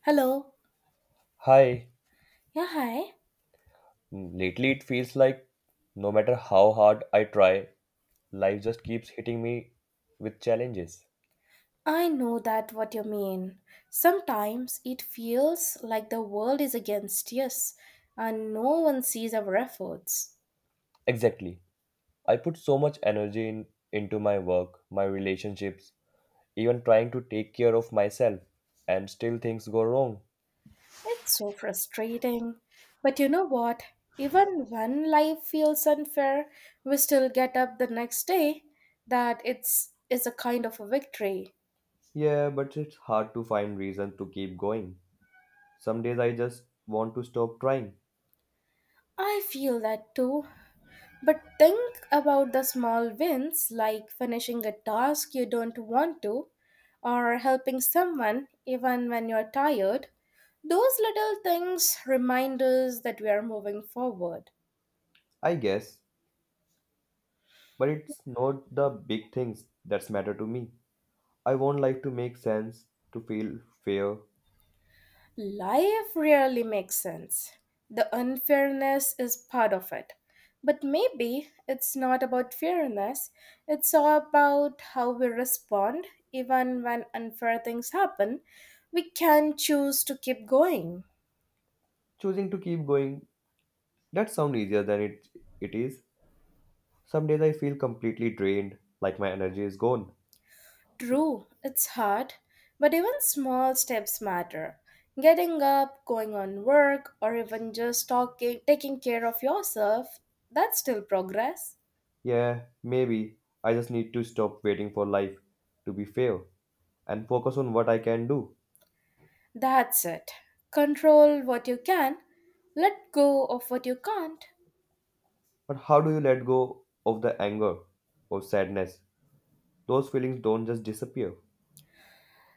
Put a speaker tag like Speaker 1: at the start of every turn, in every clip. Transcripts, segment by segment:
Speaker 1: Hello.
Speaker 2: Hi,
Speaker 1: Yeah, hi.
Speaker 2: lately it feels like no matter how hard I try, life just keeps hitting me with challenges.
Speaker 1: I know that what you mean. Sometimes it feels like the world is against us and no one sees our efforts.
Speaker 2: Exactly. I put so much energy in, into my work, my relationships, even trying to take care of myself, and still things go wrong.
Speaker 1: It's so frustrating. But you know what? Even when life feels unfair, we still get up the next day that it's is a kind of a victory.
Speaker 2: Yeah, but it's hard to find reason to keep going. Some days I just want to stop trying,
Speaker 1: I feel that too. But think about the small wins like finishing a task you don't want to or helping someone even when you're tired. Those little things remind us that we are moving forward.
Speaker 2: I guess, but it's not the big things that matter to me. I want life to make sense, to feel fair,
Speaker 1: Life rarely makes sense. The unfairness is part of it. But maybe it's not about fairness, it's all about how we respond even when unfair things happen. We can choose to keep going.
Speaker 2: choosing to keep going. That sounds easier than it is. Some days I feel completely drained, like my energy is gone.
Speaker 1: True, it's hard, but even small steps matter. Getting up, going on work, or even just talking, taking care of yourself, that's still progress.
Speaker 2: Yeah, maybe I just need to stop waiting for life to be fair and focus on what I can do.
Speaker 1: That's it. Control what you can, let go of what you can't.
Speaker 2: But how do you let go of the anger or sadness? Those feelings don't just disappear.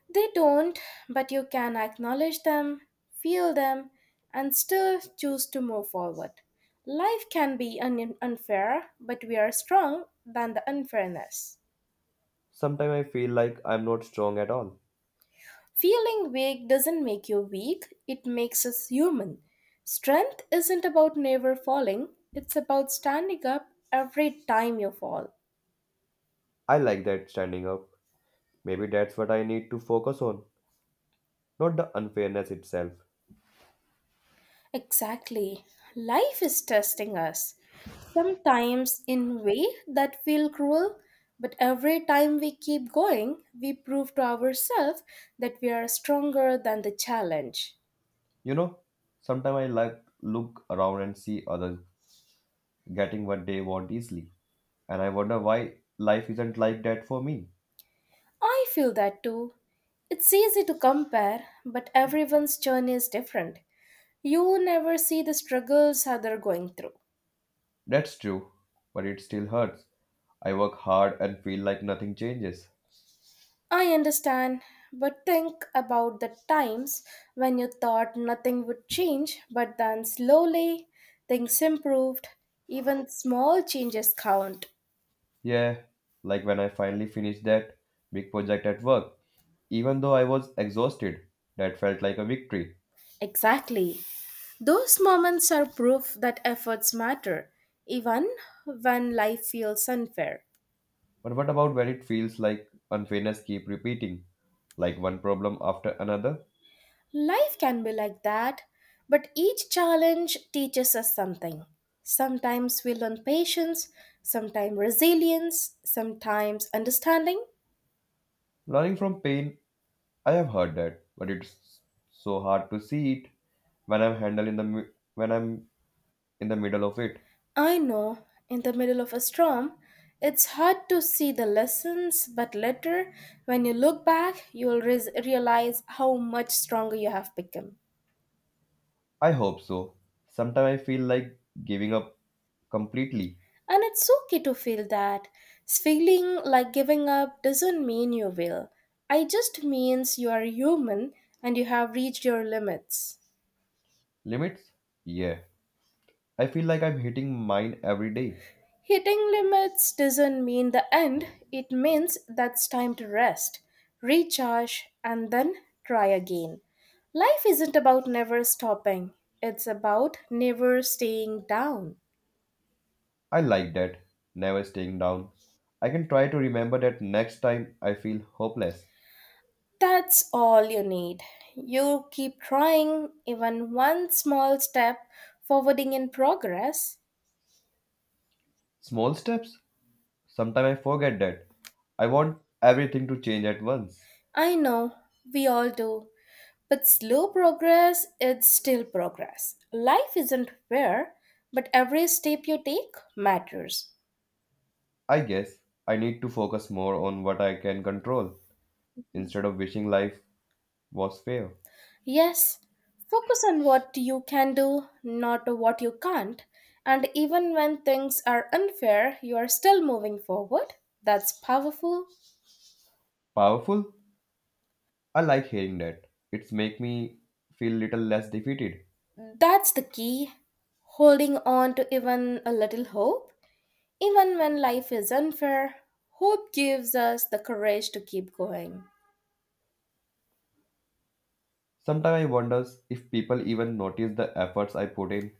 Speaker 1: They don't, but you can acknowledge them, feel them, and still choose to move forward. Life can be unfair, but we are strong than the unfairness.
Speaker 2: Sometimes I feel like I'm not strong at all.
Speaker 1: Feeling weak doesn't make you weak, it makes us human. Strength isn't about never falling, it's about standing up every time you fall.
Speaker 2: I like that standing up. Maybe that's what I need to focus on, not the unfairness itself.
Speaker 1: Exactly. Life is testing us. Sometimes in way that feel cruel, but every time we keep going, we prove to ourselves that we are stronger than the challenge.
Speaker 2: You know, sometimes I like look around and see others getting what they want easily, and I wonder why life isn't like that for me.
Speaker 1: I feel that too. It's easy to compare, but everyone's journey is different. You never see the struggles others going through.
Speaker 2: That's true, but it still hurts. I work hard and feel like nothing changes.
Speaker 1: I understand, but think about the times when you thought nothing would change, but then slowly things improved. Even small changes count.
Speaker 2: Yeah, like when I finally finished that big project at work, even though I was exhausted, that felt like a victory.
Speaker 1: Exactly. Those moments are proof that efforts matter, even when life feels unfair.
Speaker 2: But what about when it feels like unfairness keep repeating, like one problem after another?
Speaker 1: Life can be like that, but each challenge teaches us something. Sometimes we learn patience, sometimes resilience, sometimes understanding.
Speaker 2: Learning from pain I have heard that, but it's so hard to see it when I'm handling when I'm in the middle of it.
Speaker 1: I know in the middle of a storm, it's hard to see the lessons, but later, when you look back, you'll realize how much stronger you have become.
Speaker 2: I hope so. Sometimes I feel like giving up completely.
Speaker 1: And it's okay to feel that. Feeling like giving up doesn't mean you will. It just means you are human and you have reached your limits.
Speaker 2: Limits? Yeah. I feel like I'm hitting mine every day.
Speaker 1: Hitting limits doesn't mean the end, it means that's time to rest, recharge, and then try again. Life isn't about never stopping, it's about never staying down.
Speaker 2: I like that. Never staying down. I can try to remember that next time I feel hopeless.
Speaker 1: That's all you need. You keep trying, even one small step forwarding in progress.
Speaker 2: Small steps? Sometimes I forget that. I want everything to change at once.
Speaker 1: I know, we all do. But slow progress is still progress. Life isn't fair, but every step you take matters.
Speaker 2: I guess I need to focus more on what I can control instead of wishing life was fair.
Speaker 1: Yes, focus on what you can do, not what you can't. And even when things are unfair, you are still moving forward. That's powerful.
Speaker 2: Powerful? I like hearing that. It's make me feel little less defeated.
Speaker 1: That's the key holding on to even a little hope. Even when life is unfair, hope gives us the courage to keep going.
Speaker 2: Sometimes I wonders if people even notice the efforts I put in.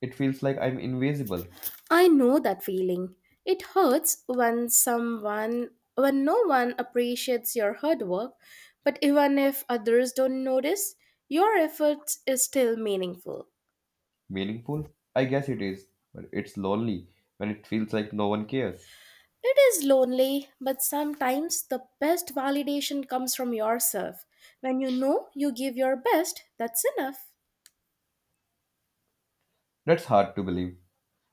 Speaker 2: It feels like I'm invisible.
Speaker 1: I know that feeling. It hurts when someone, when no one appreciates your hard work, but even if others don't notice, your effort is still meaningful.
Speaker 2: Meaningful? I guess it is, but it's lonely when it feels like no one cares.
Speaker 1: It is lonely, but sometimes the best validation comes from yourself. When you know you give your best, that's enough.
Speaker 2: That's hard to believe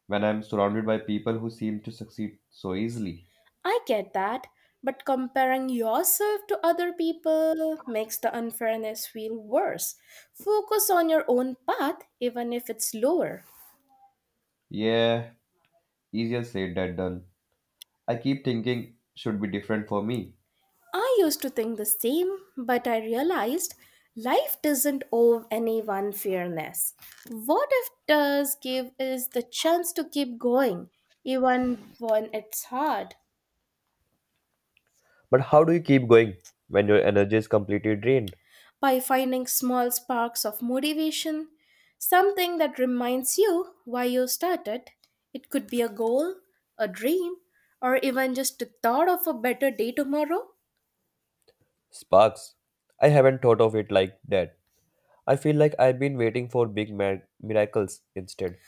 Speaker 2: when I'm surrounded by people who seem to succeed so easily.
Speaker 1: I get that, but comparing yourself to other people makes the unfairness feel worse. Focus on your own path, even if it's lower.
Speaker 2: Yeah, easier said than done. I keep thinking should be different for me.
Speaker 1: I used to think the same, but I realized life doesn't owe anyone fairness. What it does give is the chance to keep going, even when it's hard.
Speaker 2: But how do you keep going when your energy is completely drained?
Speaker 1: By finding small sparks of motivation, something that reminds you why you started. It could be a goal, a dream, or even just the thought of a better day tomorrow.
Speaker 2: Sparks. I haven't thought of it like that. I feel like I've been waiting for big miracles instead.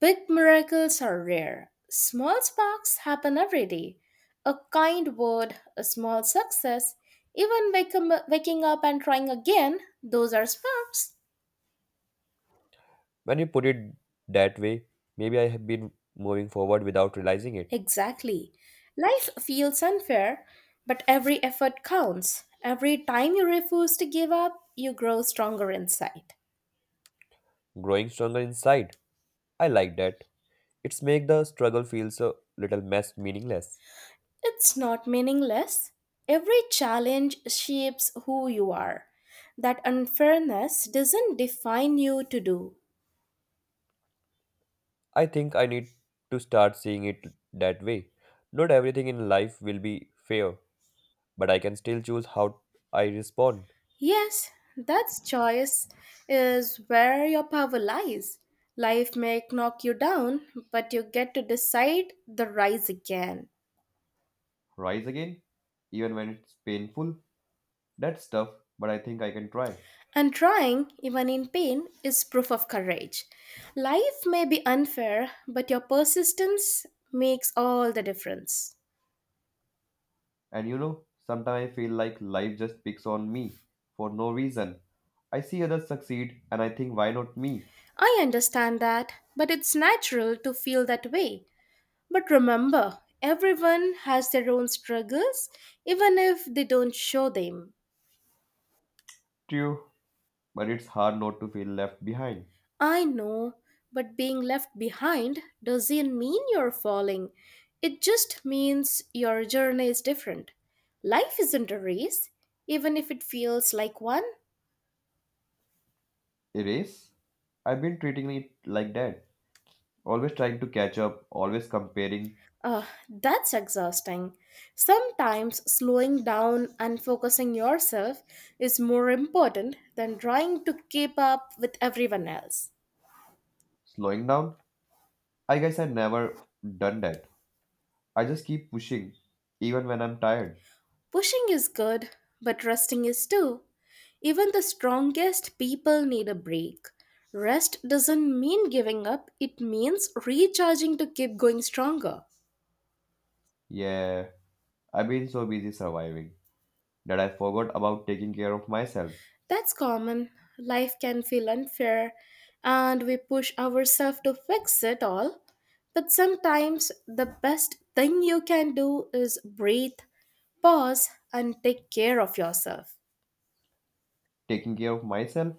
Speaker 1: Big miracles are rare. Small sparks happen every day. A kind word, a small success, even waking up and trying again, those are sparks.
Speaker 2: When you put it that way, maybe I have been moving forward without realizing it.
Speaker 1: Exactly. Life feels unfair, but every effort counts. Every time you refuse to give up, you grow stronger inside.
Speaker 2: Growing stronger inside. I like that. It's make the struggle feel so little less meaningless.
Speaker 1: It's not meaningless. Every challenge shapes who you are. That unfairness doesn't define you to do.
Speaker 2: I think I need to start seeing it that way. Not everything in life will be fair, but I can still choose how I respond.
Speaker 1: Yes, that's choice is where your power lies. Life may knock you down, but you get to decide the rise again.
Speaker 2: Rise again, even when it's painful. That's tough, but I think I can try.
Speaker 1: And trying, even in pain, is proof of courage. Life may be unfair, but your persistence makes all the difference.
Speaker 2: And you know, sometimes I feel like life just picks on me for no reason. I see others succeed and I think, why not me?
Speaker 1: I understand that, but it's natural to feel that way. But remember, everyone has their own struggles, even if they don't show them.
Speaker 2: True, but it's hard not to feel left behind.
Speaker 1: I know, but being left behind doesn't mean you're falling. It just means your journey is different. Life isn't a race, even if it feels like one.
Speaker 2: Erase? I've been treating it like that. Always trying to catch up, always comparing,
Speaker 1: Ugh, that's exhausting. Sometimes slowing down and focusing yourself is more important than trying to keep up with everyone else.
Speaker 2: slowing down. I guess I've never done that. I just keep pushing, even when I'm tired.
Speaker 1: Pushing is good, but resting is too. Even the strongest people need a break. Rest doesn't mean giving up, it means recharging to keep going stronger.
Speaker 2: Yeah, I've been so busy surviving, that I forgot about taking care of myself.
Speaker 1: That's common. Life can feel unfair, and we push ourselves to fix it all. But sometimes the best thing you can do is breathe, pause, and take care of yourself.
Speaker 2: Taking care of myself?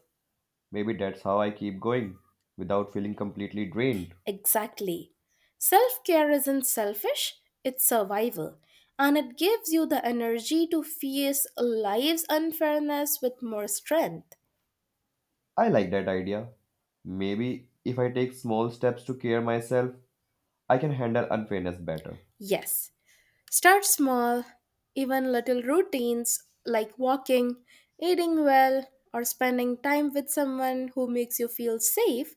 Speaker 2: Maybe that's how I keep going without feeling completely drained.
Speaker 1: Exactly. Self care isn't selfish, it's survival. And it gives you the energy to face life's unfairness with more strength.
Speaker 2: I like that idea. Maybe if I take small steps to care myself, I can handle unfairness better.
Speaker 1: Yes, start small. Even little routines like walking, eating well, or spending time with someone who makes you feel safe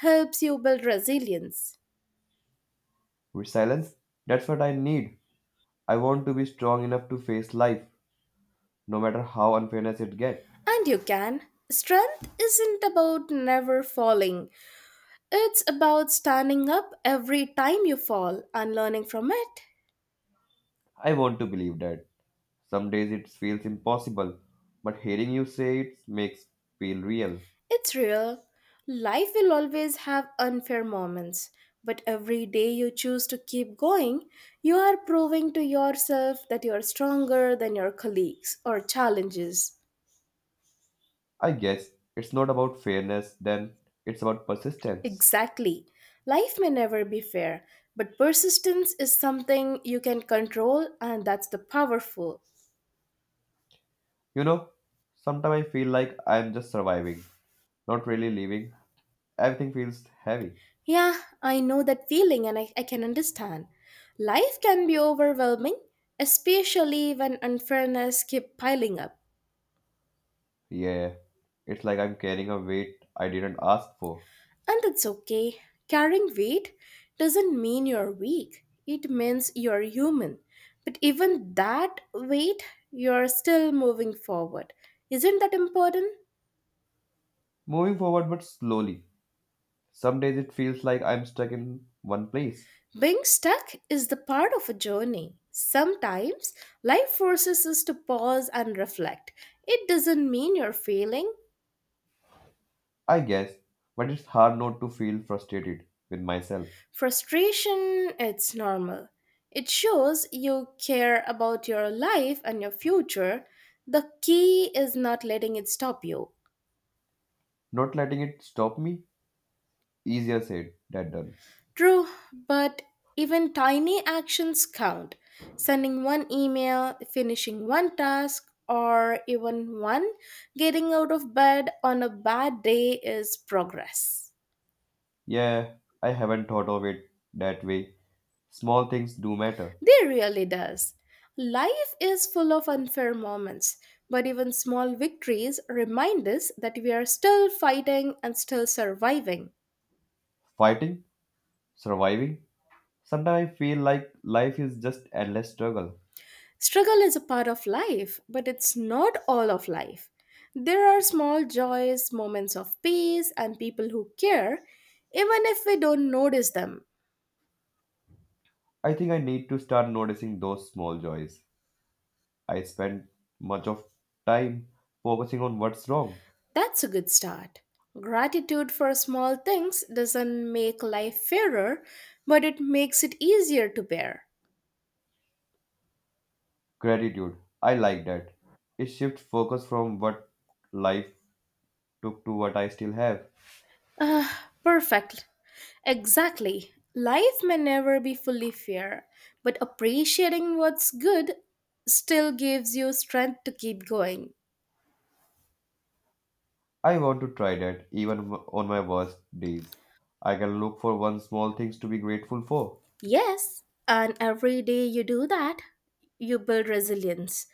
Speaker 1: helps you build resilience.
Speaker 2: Resilience? That's what I need. I want to be strong enough to face life, no matter how unfairness it gets.
Speaker 1: And you can. Strength isn't about never falling, it's about standing up every time you fall and learning from it.
Speaker 2: I want to believe that. Some days it feels impossible, but hearing you say it makes feel real.
Speaker 1: It's real. Life will always have unfair moments, but every day you choose to keep going, you are proving to yourself that you are stronger than your colleagues or challenges.
Speaker 2: I guess it's not about fairness, then it's about persistence.
Speaker 1: Exactly. Life may never be fair, but persistence is something you can control, and that's the powerful.
Speaker 2: You know, sometimes I feel like I'm just surviving, not really living. Everything feels heavy.
Speaker 1: Yeah, I know that feeling and I can understand. Life can be overwhelming, especially when unfairness keep piling up.
Speaker 2: Yeah, it's like I'm carrying a weight I didn't ask for.
Speaker 1: And it's okay. Carrying weight doesn't mean you're weak. It means you're human. But even that weight, you're still moving forward. Isn't that important?
Speaker 2: Moving forward, but slowly. Some days it feels like I'm stuck in one place.
Speaker 1: Being stuck is the part of a journey. Sometimes life forces us to pause and reflect. It doesn't mean you're failing.
Speaker 2: I guess, but it's hard not to feel frustrated with myself.
Speaker 1: Frustration, it's normal. It shows you care about your life and your future. The key is not letting it stop you.
Speaker 2: Not letting it stop me? Easier said than done.
Speaker 1: True, but even tiny actions count. Sending one email, finishing one task, or even one getting out of bed on a bad day is progress.
Speaker 2: Yeah, I haven't thought of it that way. Small things do matter.
Speaker 1: They really does. Life is full of unfair moments, but even small victories remind us that we are still fighting and still surviving.
Speaker 2: Fighting, surviving. Sometimes I feel like life is just endless struggle.
Speaker 1: Struggle is a part of life, but it's not all of life. There are small joys, moments of peace, and people who care, even if we don't notice them.
Speaker 2: I think I need to start noticing those small joys. I spend much of time focusing on what's wrong.
Speaker 1: That's a good start. Gratitude for small things doesn't make life fairer, but it makes it easier to bear.
Speaker 2: Gratitude. I like that. It shifts focus from what life took to what I still have.
Speaker 1: Ah, perfect. Exactly. Life may never be fully fair, but appreciating what's good still gives you strength to keep going.
Speaker 2: I want to try that even on my worst days. I can look for one small things to be grateful for.
Speaker 1: Yes, and every day you do that, you build resilience.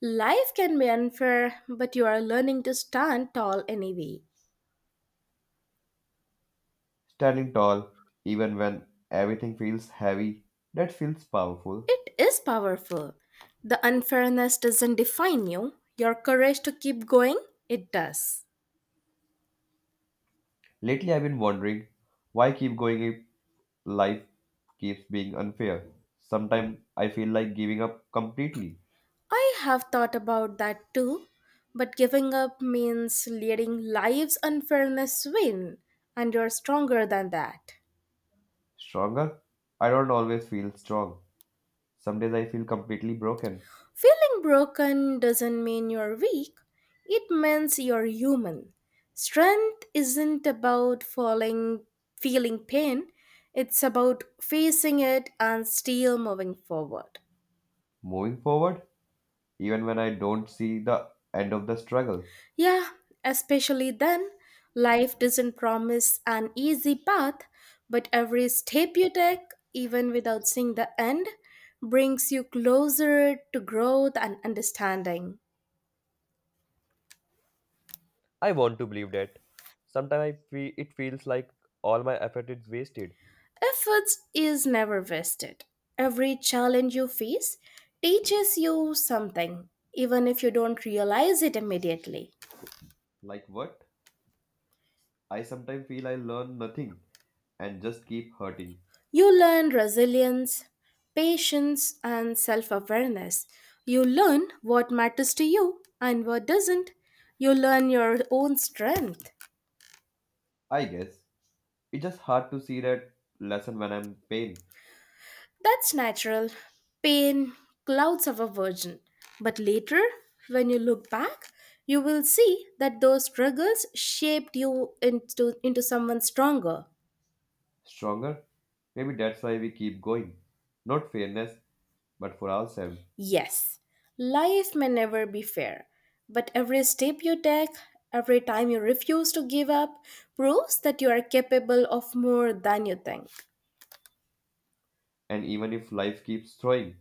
Speaker 1: Life can be unfair, but you are learning to stand tall anyway.
Speaker 2: Standing tall even when everything feels heavy, that feels powerful.
Speaker 1: It is powerful. The unfairness doesn't define you, your courage to keep going, it does.
Speaker 2: Lately, I've been wondering why keep going if life keeps being unfair. Sometimes I feel like giving up completely.
Speaker 1: I have thought about that too, but giving up means letting life's unfairness win, and you're stronger than that.
Speaker 2: Stronger? I don't always feel strong. Some days I feel completely broken.
Speaker 1: Feeling broken doesn't mean you're weak, it means you're human. Strength isn't about falling, feeling pain, it's about facing it and still moving forward.
Speaker 2: Moving forward, even when I don't see the end of the struggle.
Speaker 1: Yeah, especially then, life doesn't promise an easy path, but every step you take, even without seeing the end, brings you closer to growth and understanding.
Speaker 2: I want to believe that. Sometimes I feel it feels like all my effort is wasted.
Speaker 1: Efforts is never wasted. Every challenge you face teaches you something, even if you don't realize it immediately.
Speaker 2: Like what? I sometimes feel I learn nothing and just keep hurting.
Speaker 1: You learn resilience, patience, and self awareness. You learn what matters to you and what doesn't. You learn your own strength.
Speaker 2: I guess it's just hard to see that lesson when I'm in pain.
Speaker 1: That's natural. Pain clouds of a virgin. But later, when you look back, you will see that those struggles shaped you into someone stronger.
Speaker 2: Stronger. Maybe that's why we keep going. Not fairness, but for ourselves.
Speaker 1: Yes, life may never be fair, but every step you take, every time you refuse to give up, proves that you are capable of more than you think.
Speaker 2: And even if life keeps throwing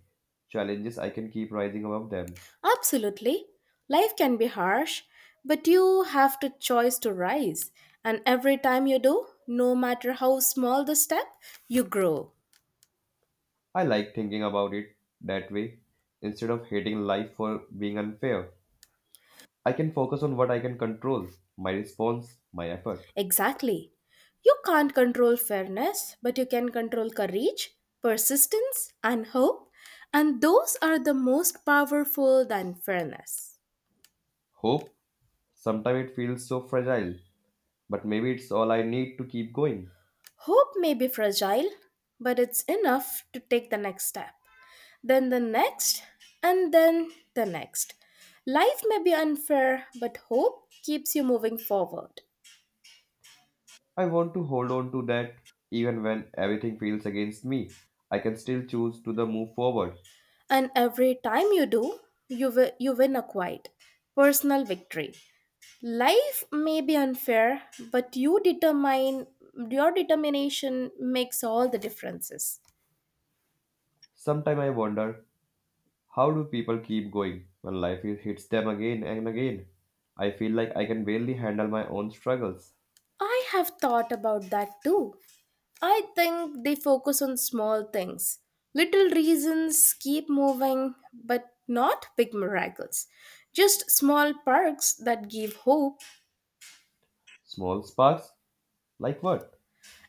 Speaker 2: challenges, I can keep rising above them.
Speaker 1: Absolutely, life can be harsh, but you have to choice to rise, and every time you do, no matter how small the step, you grow.
Speaker 2: I like thinking about it that way. Instead of hating life for being unfair, I can focus on what I can control my response, my effort.
Speaker 1: Exactly. You can't control fairness, but you can control courage, persistence, and hope, and those are the most powerful than fairness.
Speaker 2: Hope, sometimes it feels so fragile, but maybe it's all I need to keep going.
Speaker 1: Hope may be fragile, but it's enough to take the next step, then the next, and then the next. Life may be unfair, but hope keeps you moving forward.
Speaker 2: I want to hold on to that even when everything feels against me. I can still choose to the move forward.
Speaker 1: And every time you do, you win a quiet, personal victory. Life may be unfair, but you determine your determination makes all the differences.
Speaker 2: Sometimes I wonder how do people keep going when hits them again and again. I feel like I can barely handle my own struggles.
Speaker 1: I have thought about that too. I think they focus on small things, little reasons keep moving, but not big miracles, just small perks that give hope.
Speaker 2: Small sparks? Like what?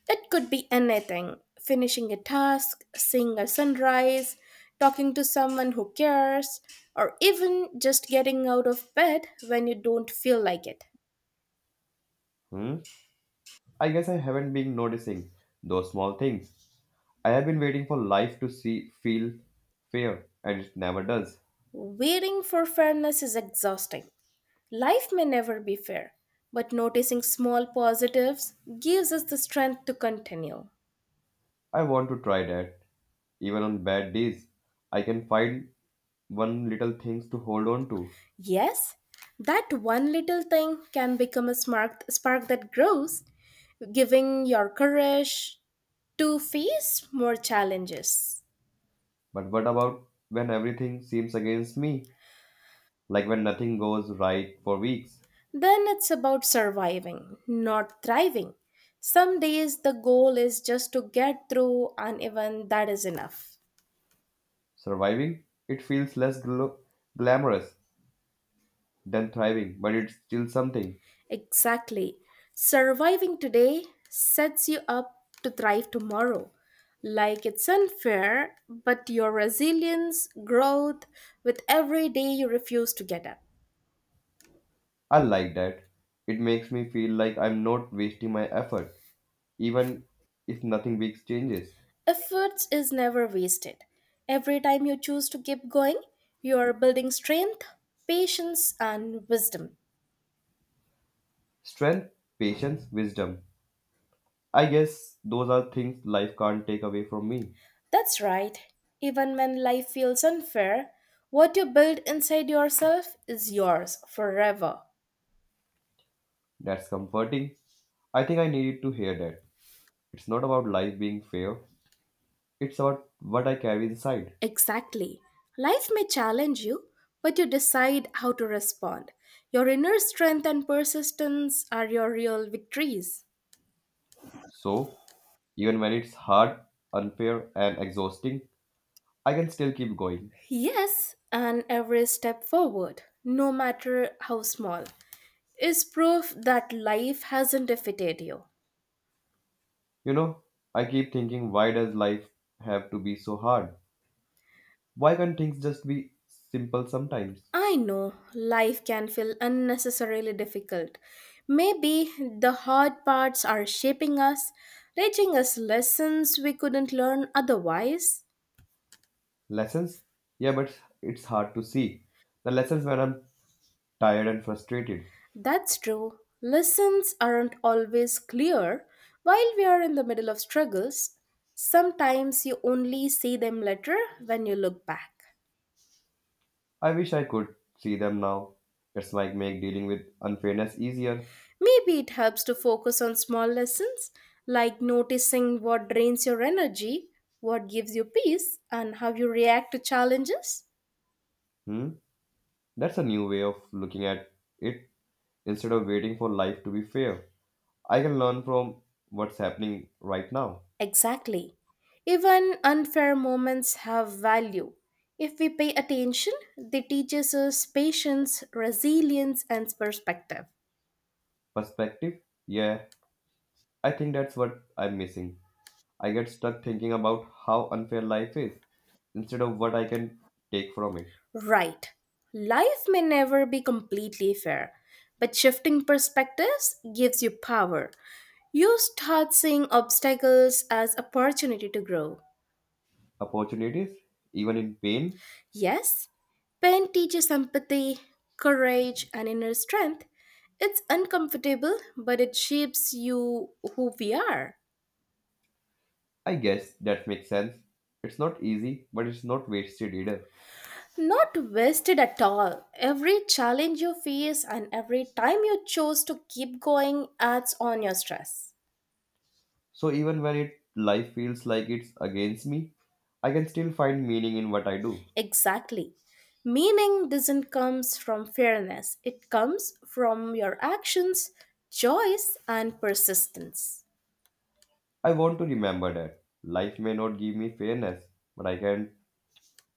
Speaker 1: It could be anything, finishing a task, seeing a sunrise, talking to someone who cares, or even just getting out of bed when you don't feel like it.
Speaker 2: Hmm? I guess I haven't been noticing those small things. I have been waiting for life to see feel fair and it never does.
Speaker 1: Waiting for fairness is exhausting. Life may never be fair, but noticing small positives gives us the strength to continue.
Speaker 2: I want to try that. Even on bad days, I can find one little things to hold on to.
Speaker 1: Yes, that one little thing can become a spark that grows, giving your courage to face more challenges.
Speaker 2: But what about when everything seems against me? Like when nothing goes right for weeks?
Speaker 1: Then it's about surviving, not thriving. Some days the goal is just to get through, and even that is enough.
Speaker 2: Surviving? It feels less glamorous than thriving, but it's still something.
Speaker 1: Exactly. Surviving today sets you up to thrive tomorrow. Like it's unfair, but your resilience, growth, with every day you refuse to get up.
Speaker 2: I like that. It makes me feel like I'm not wasting my effort, even if nothing big changes.
Speaker 1: Efforts is never wasted. Every time you choose to keep going, you are building strength, patience, and wisdom.
Speaker 2: Strength, patience, wisdom. I guess those are things life can't take away from me.
Speaker 1: That's right. Even when life feels unfair, what you build inside yourself is yours forever.
Speaker 2: That's comforting. I think I needed to hear that. It's not about life being fair, it's about what I carry inside.
Speaker 1: Exactly. Life may challenge you, but you decide how to respond. Your inner strength and persistence are your real victories.
Speaker 2: So, even when it's hard, unfair, and exhausting, I can still keep going.
Speaker 1: Yes, and every step forward, no matter how small, is proof that life hasn't defeated you.
Speaker 2: You know, I keep thinking, why does life have to be so hard? Why can't things just be simple sometimes?
Speaker 1: I know life can feel unnecessarily difficult. Maybe the hard parts are shaping us, teaching us lessons we couldn't learn otherwise.
Speaker 2: Lessons? Yeah, but it's hard to see. The lessons when I'm tired and frustrated.
Speaker 1: That's true. Lessons aren't always clear while we are in the middle of struggles. Sometimes you only see them later when you look back.
Speaker 2: I wish I could see them now. It's like make dealing with unfairness easier.
Speaker 1: Maybe it helps to focus on small lessons like noticing what drains your energy, what gives you peace, and how you react to challenges.
Speaker 2: Hmm? That's a new way of looking at it instead of waiting for life to be fair. I can learn from what's happening right now.
Speaker 1: Exactly. Even unfair moments have value. If we pay attention, they teach us patience, resilience, and perspective.
Speaker 2: Perspective? Yeah, I think that's what I'm missing. I get stuck thinking about how unfair life is instead of what I can take from it.
Speaker 1: Right. Life may never be completely fair, but shifting perspectives gives you power. You start seeing obstacles as opportunity to grow.
Speaker 2: Opportunities, even in pain,
Speaker 1: Yes, pain teaches empathy, courage, and inner strength. It's uncomfortable, but it shapes you who we are.
Speaker 2: I guess that makes sense. It's not easy, but it's not wasted either.
Speaker 1: Not wasted at all. Every challenge you face and every time you choose to keep going adds on your stress.
Speaker 2: So even when it life feels like it's against me, I can still find meaning in what I do.
Speaker 1: Exactly. Meaning doesn't comes from fairness. It comes from your actions, choice and persistence.
Speaker 2: I want to remember that life may not give me fairness, but I can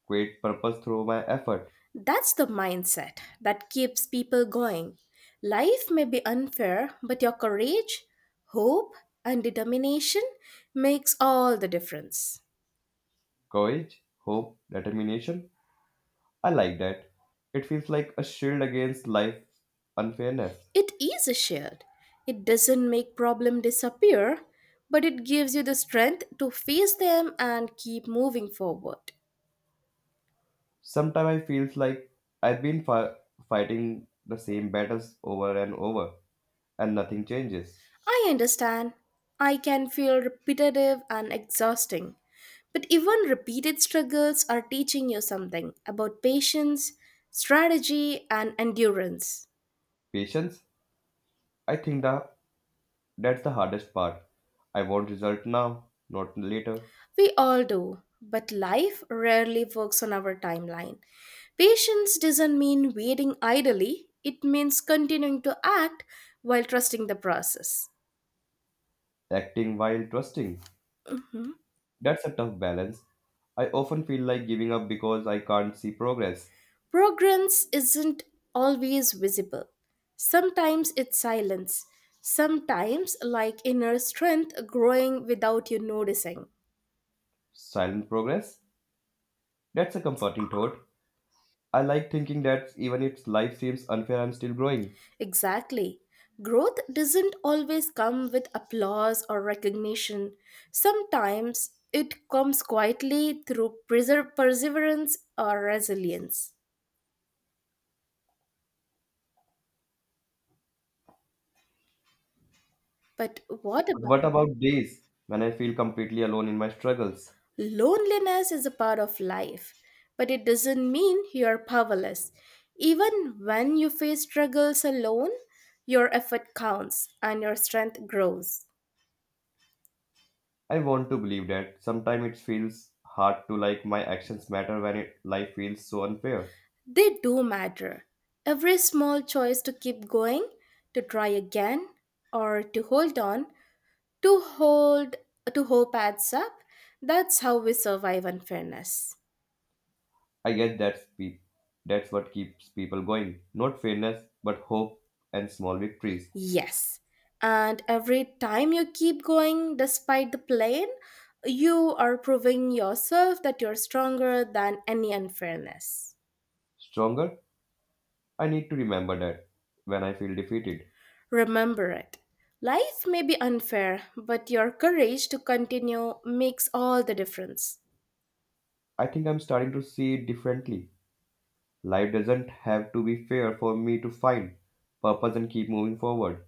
Speaker 2: create purpose through my effort,
Speaker 1: That's the mindset that keeps people going. Life may be unfair, but your courage, hope, and determination makes all the difference.
Speaker 2: courage, hope, determination. I like that. It feels like a shield against life unfairness.
Speaker 1: It is a shield. It doesn't make problem disappear, but it gives you the strength to face them and keep moving forward.
Speaker 2: Sometimes I feels like I've been fighting the same battles over and over and nothing changes.
Speaker 1: I understand. I can feel repetitive and exhausting. But even repeated struggles are teaching you something about patience, strategy, and endurance.
Speaker 2: Patience, I think that's the hardest part. I want result now, not later.
Speaker 1: We all do, but life rarely works on our timeline. Patience doesn't mean waiting idly, it means continuing to act while trusting the process.
Speaker 2: Acting while trusting.
Speaker 1: Mhm.
Speaker 2: That's a tough balance. I often feel like giving up because I can't see progress.
Speaker 1: Progress isn't always visible. Sometimes it's silence. Sometimes, like inner strength growing without you noticing.
Speaker 2: Silent progress? That's a comforting thought. I like thinking that even if life seems unfair, I'm still growing.
Speaker 1: Exactly. Growth doesn't always come with applause or recognition. Sometimes it comes quietly through perseverance or resilience. But what
Speaker 2: But
Speaker 1: about?
Speaker 2: what about days when I feel completely alone in my struggles?
Speaker 1: Loneliness is a part of life, but it doesn't mean you are powerless. Even when you face struggles alone, your effort counts and your strength grows.
Speaker 2: I want to believe that sometimes it feels hard to like my actions matter when it, life feels so unfair.
Speaker 1: They do matter. Every small choice to keep going, to try again, or to hold on, to hold to hope adds up. That's how we survive unfairness.
Speaker 2: I guess that's what keeps people going. Not fairness, but hope and small victories.
Speaker 1: Yes. And every time you keep going despite the pain, you are proving yourself that you're stronger than any unfairness.
Speaker 2: Stronger, I need to remember that when I feel defeated.
Speaker 1: Remember it. Life may be unfair, but your courage to continue makes all the difference.
Speaker 2: I think I'm starting to see it differently. Life doesn't have to be fair for me to find purpose and keep moving forward.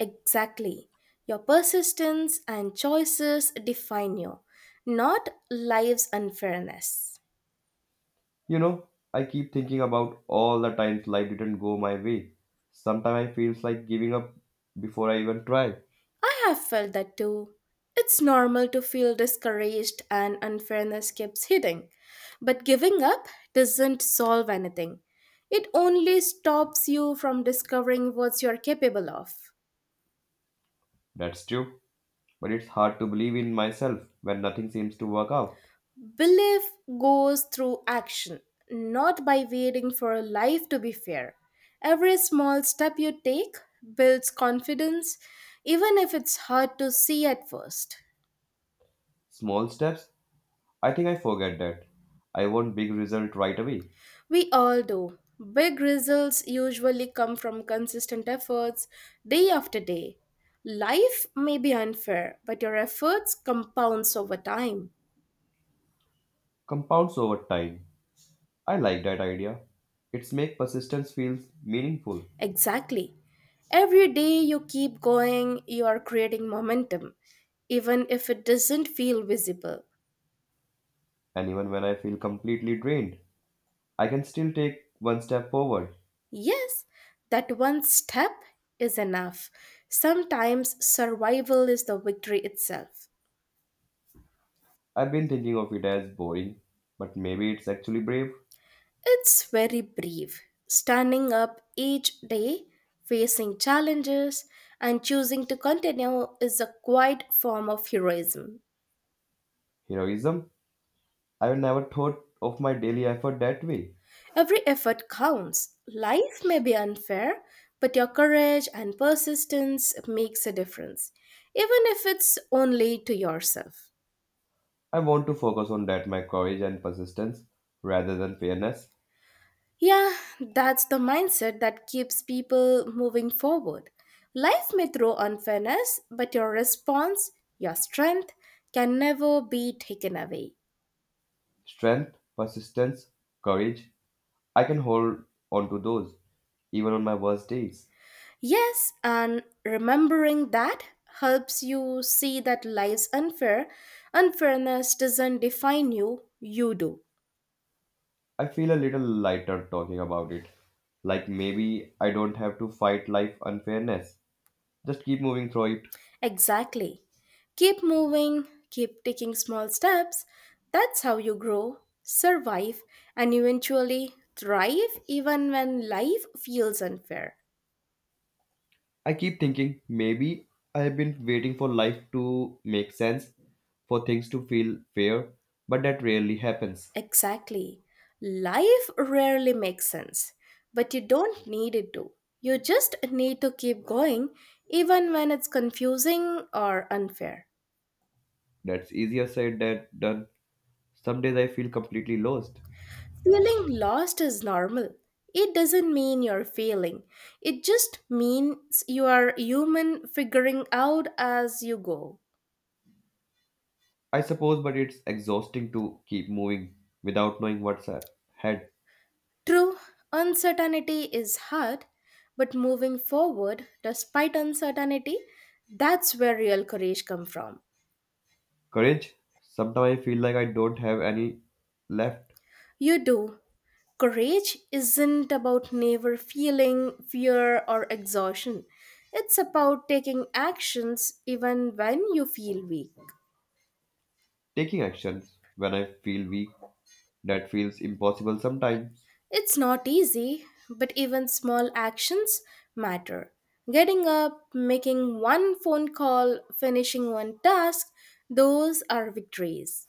Speaker 1: Exactly. Your persistence and choices define you, not life's unfairness.
Speaker 2: You know, I keep thinking about all the times life didn't go my way. Sometimes I feels like giving up before I even try.
Speaker 1: I have felt that too. It's normal to feel discouraged and unfairness keeps hitting. But giving up doesn't solve anything. It only stops you from discovering what you're capable of.
Speaker 2: That's true, but it's hard to believe in myself when nothing seems to work out.
Speaker 1: Belief goes through action, not by waiting for life to be fair. Every small step you take builds confidence, even if it's hard to see at first.
Speaker 2: Small steps, I think I forget that. I want big result right away.
Speaker 1: We all do. Big results usually come from consistent efforts day after day. Life may be unfair, but your efforts compounds over time.
Speaker 2: Compounds over time. I like that idea. It's make persistence feels meaningful.
Speaker 1: Exactly. Every day you keep going, you are creating momentum, even if it doesn't feel visible.
Speaker 2: And even when I feel completely drained, I can still take one step forward.
Speaker 1: Yes, that one step is enough. Sometimes survival is the victory itself.
Speaker 2: I've been thinking of it as boring, but maybe it's actually brave.
Speaker 1: It's very brief, standing up each day, facing challenges, and choosing to continue is a quiet form of heroism.
Speaker 2: Heroism. I never thought of my daily effort that way.
Speaker 1: Every effort counts. Life may be unfair, but your courage and persistence makes a difference, even if it's only to yourself.
Speaker 2: I want to focus on that my courage and persistence rather than fairness.
Speaker 1: Yeah, that's the mindset that keeps people moving forward. Life may throw unfairness, but your response, your strength, can never be taken away.
Speaker 2: Strength, persistence, courage. I can hold on to those even on my worst days.
Speaker 1: Yes, and remembering that helps you see that life's unfair. Unfairness doesn't define you, you do.
Speaker 2: I feel a little lighter talking about it. Like maybe I don't have to fight life unfairness. Just keep moving through it.
Speaker 1: Exactly. Keep moving, keep taking small steps. That's how you grow, survive, and eventually thrive even when life feels unfair.
Speaker 2: I keep thinking maybe I have been waiting for life to make sense, for things to feel fair, but that rarely happens.
Speaker 1: Exactly. Life rarely makes sense, but you don't need it to. You just need to keep going even when it's confusing or unfair.
Speaker 2: That's easier said than done. Some days I feel completely lost.
Speaker 1: Feeling lost is normal. It doesn't mean you're failing. It just means you are human figuring out as you go.
Speaker 2: I suppose, but it's exhausting to keep moving without knowing what's ahead.
Speaker 1: True, uncertainty is hard, but moving forward despite uncertainty, that's where real courage comes from.
Speaker 2: Courage. Sometimes I feel like I don't have any left.
Speaker 1: You do. Courage isn't about never feeling fear or exhaustion. It's about taking actions even when you feel weak.
Speaker 2: Taking actions when I feel weak, that feels impossible sometimes.
Speaker 1: It's not easy, but even small actions matter. Getting up, making one phone call, finishing one task, those are victories.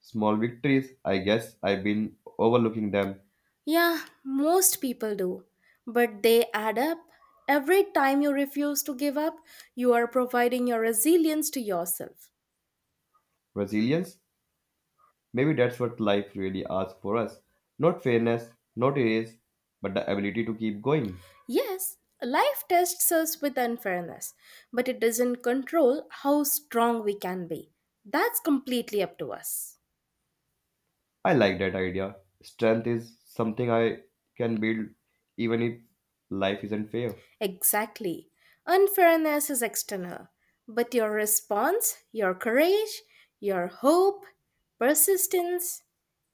Speaker 2: Small victories, I guess I've been overlooking them.
Speaker 1: Yeah, most people do, but they add up. Every time you refuse to give up, you are providing your resilience to yourself.
Speaker 2: Resilience, maybe that's what life really asks for us. Not fairness, not ease, but the ability to keep going.
Speaker 1: Yes, life tests us with unfairness, but it doesn't control how strong we can be. That's completely up to us.
Speaker 2: I like that idea. Strength is something I can build even if life isn't fair.
Speaker 1: Exactly. Unfairness is external, but your response, your courage, your hope, persistence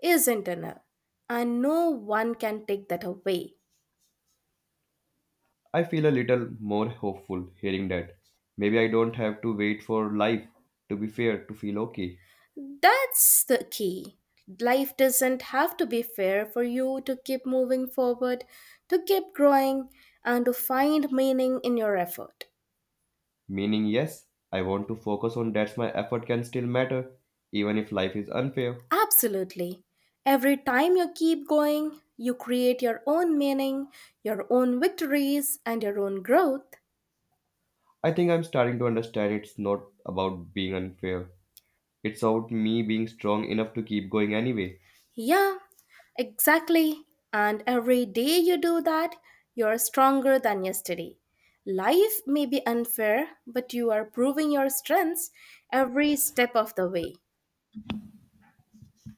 Speaker 1: is internal, and no one can take that away.
Speaker 2: I feel a little more hopeful hearing that. Maybe I don't have to wait for life to be fair to feel okay.
Speaker 1: That's the key. Life doesn't have to be fair for you to keep moving forward, to keep growing, and to find meaning in your effort.
Speaker 2: Meaning, yes, I want to focus on that my effort can still matter, even if life is unfair.
Speaker 1: Absolutely. Every time you keep going, you create your own meaning, your own victories, and your own growth.
Speaker 2: I think I'm starting to understand it's not about being unfair, it's about me being strong enough to keep going anyway.
Speaker 1: Yeah, exactly. And every day you do that, you're stronger than yesterday. Life may be unfair, but you are proving your strengths every step of the way.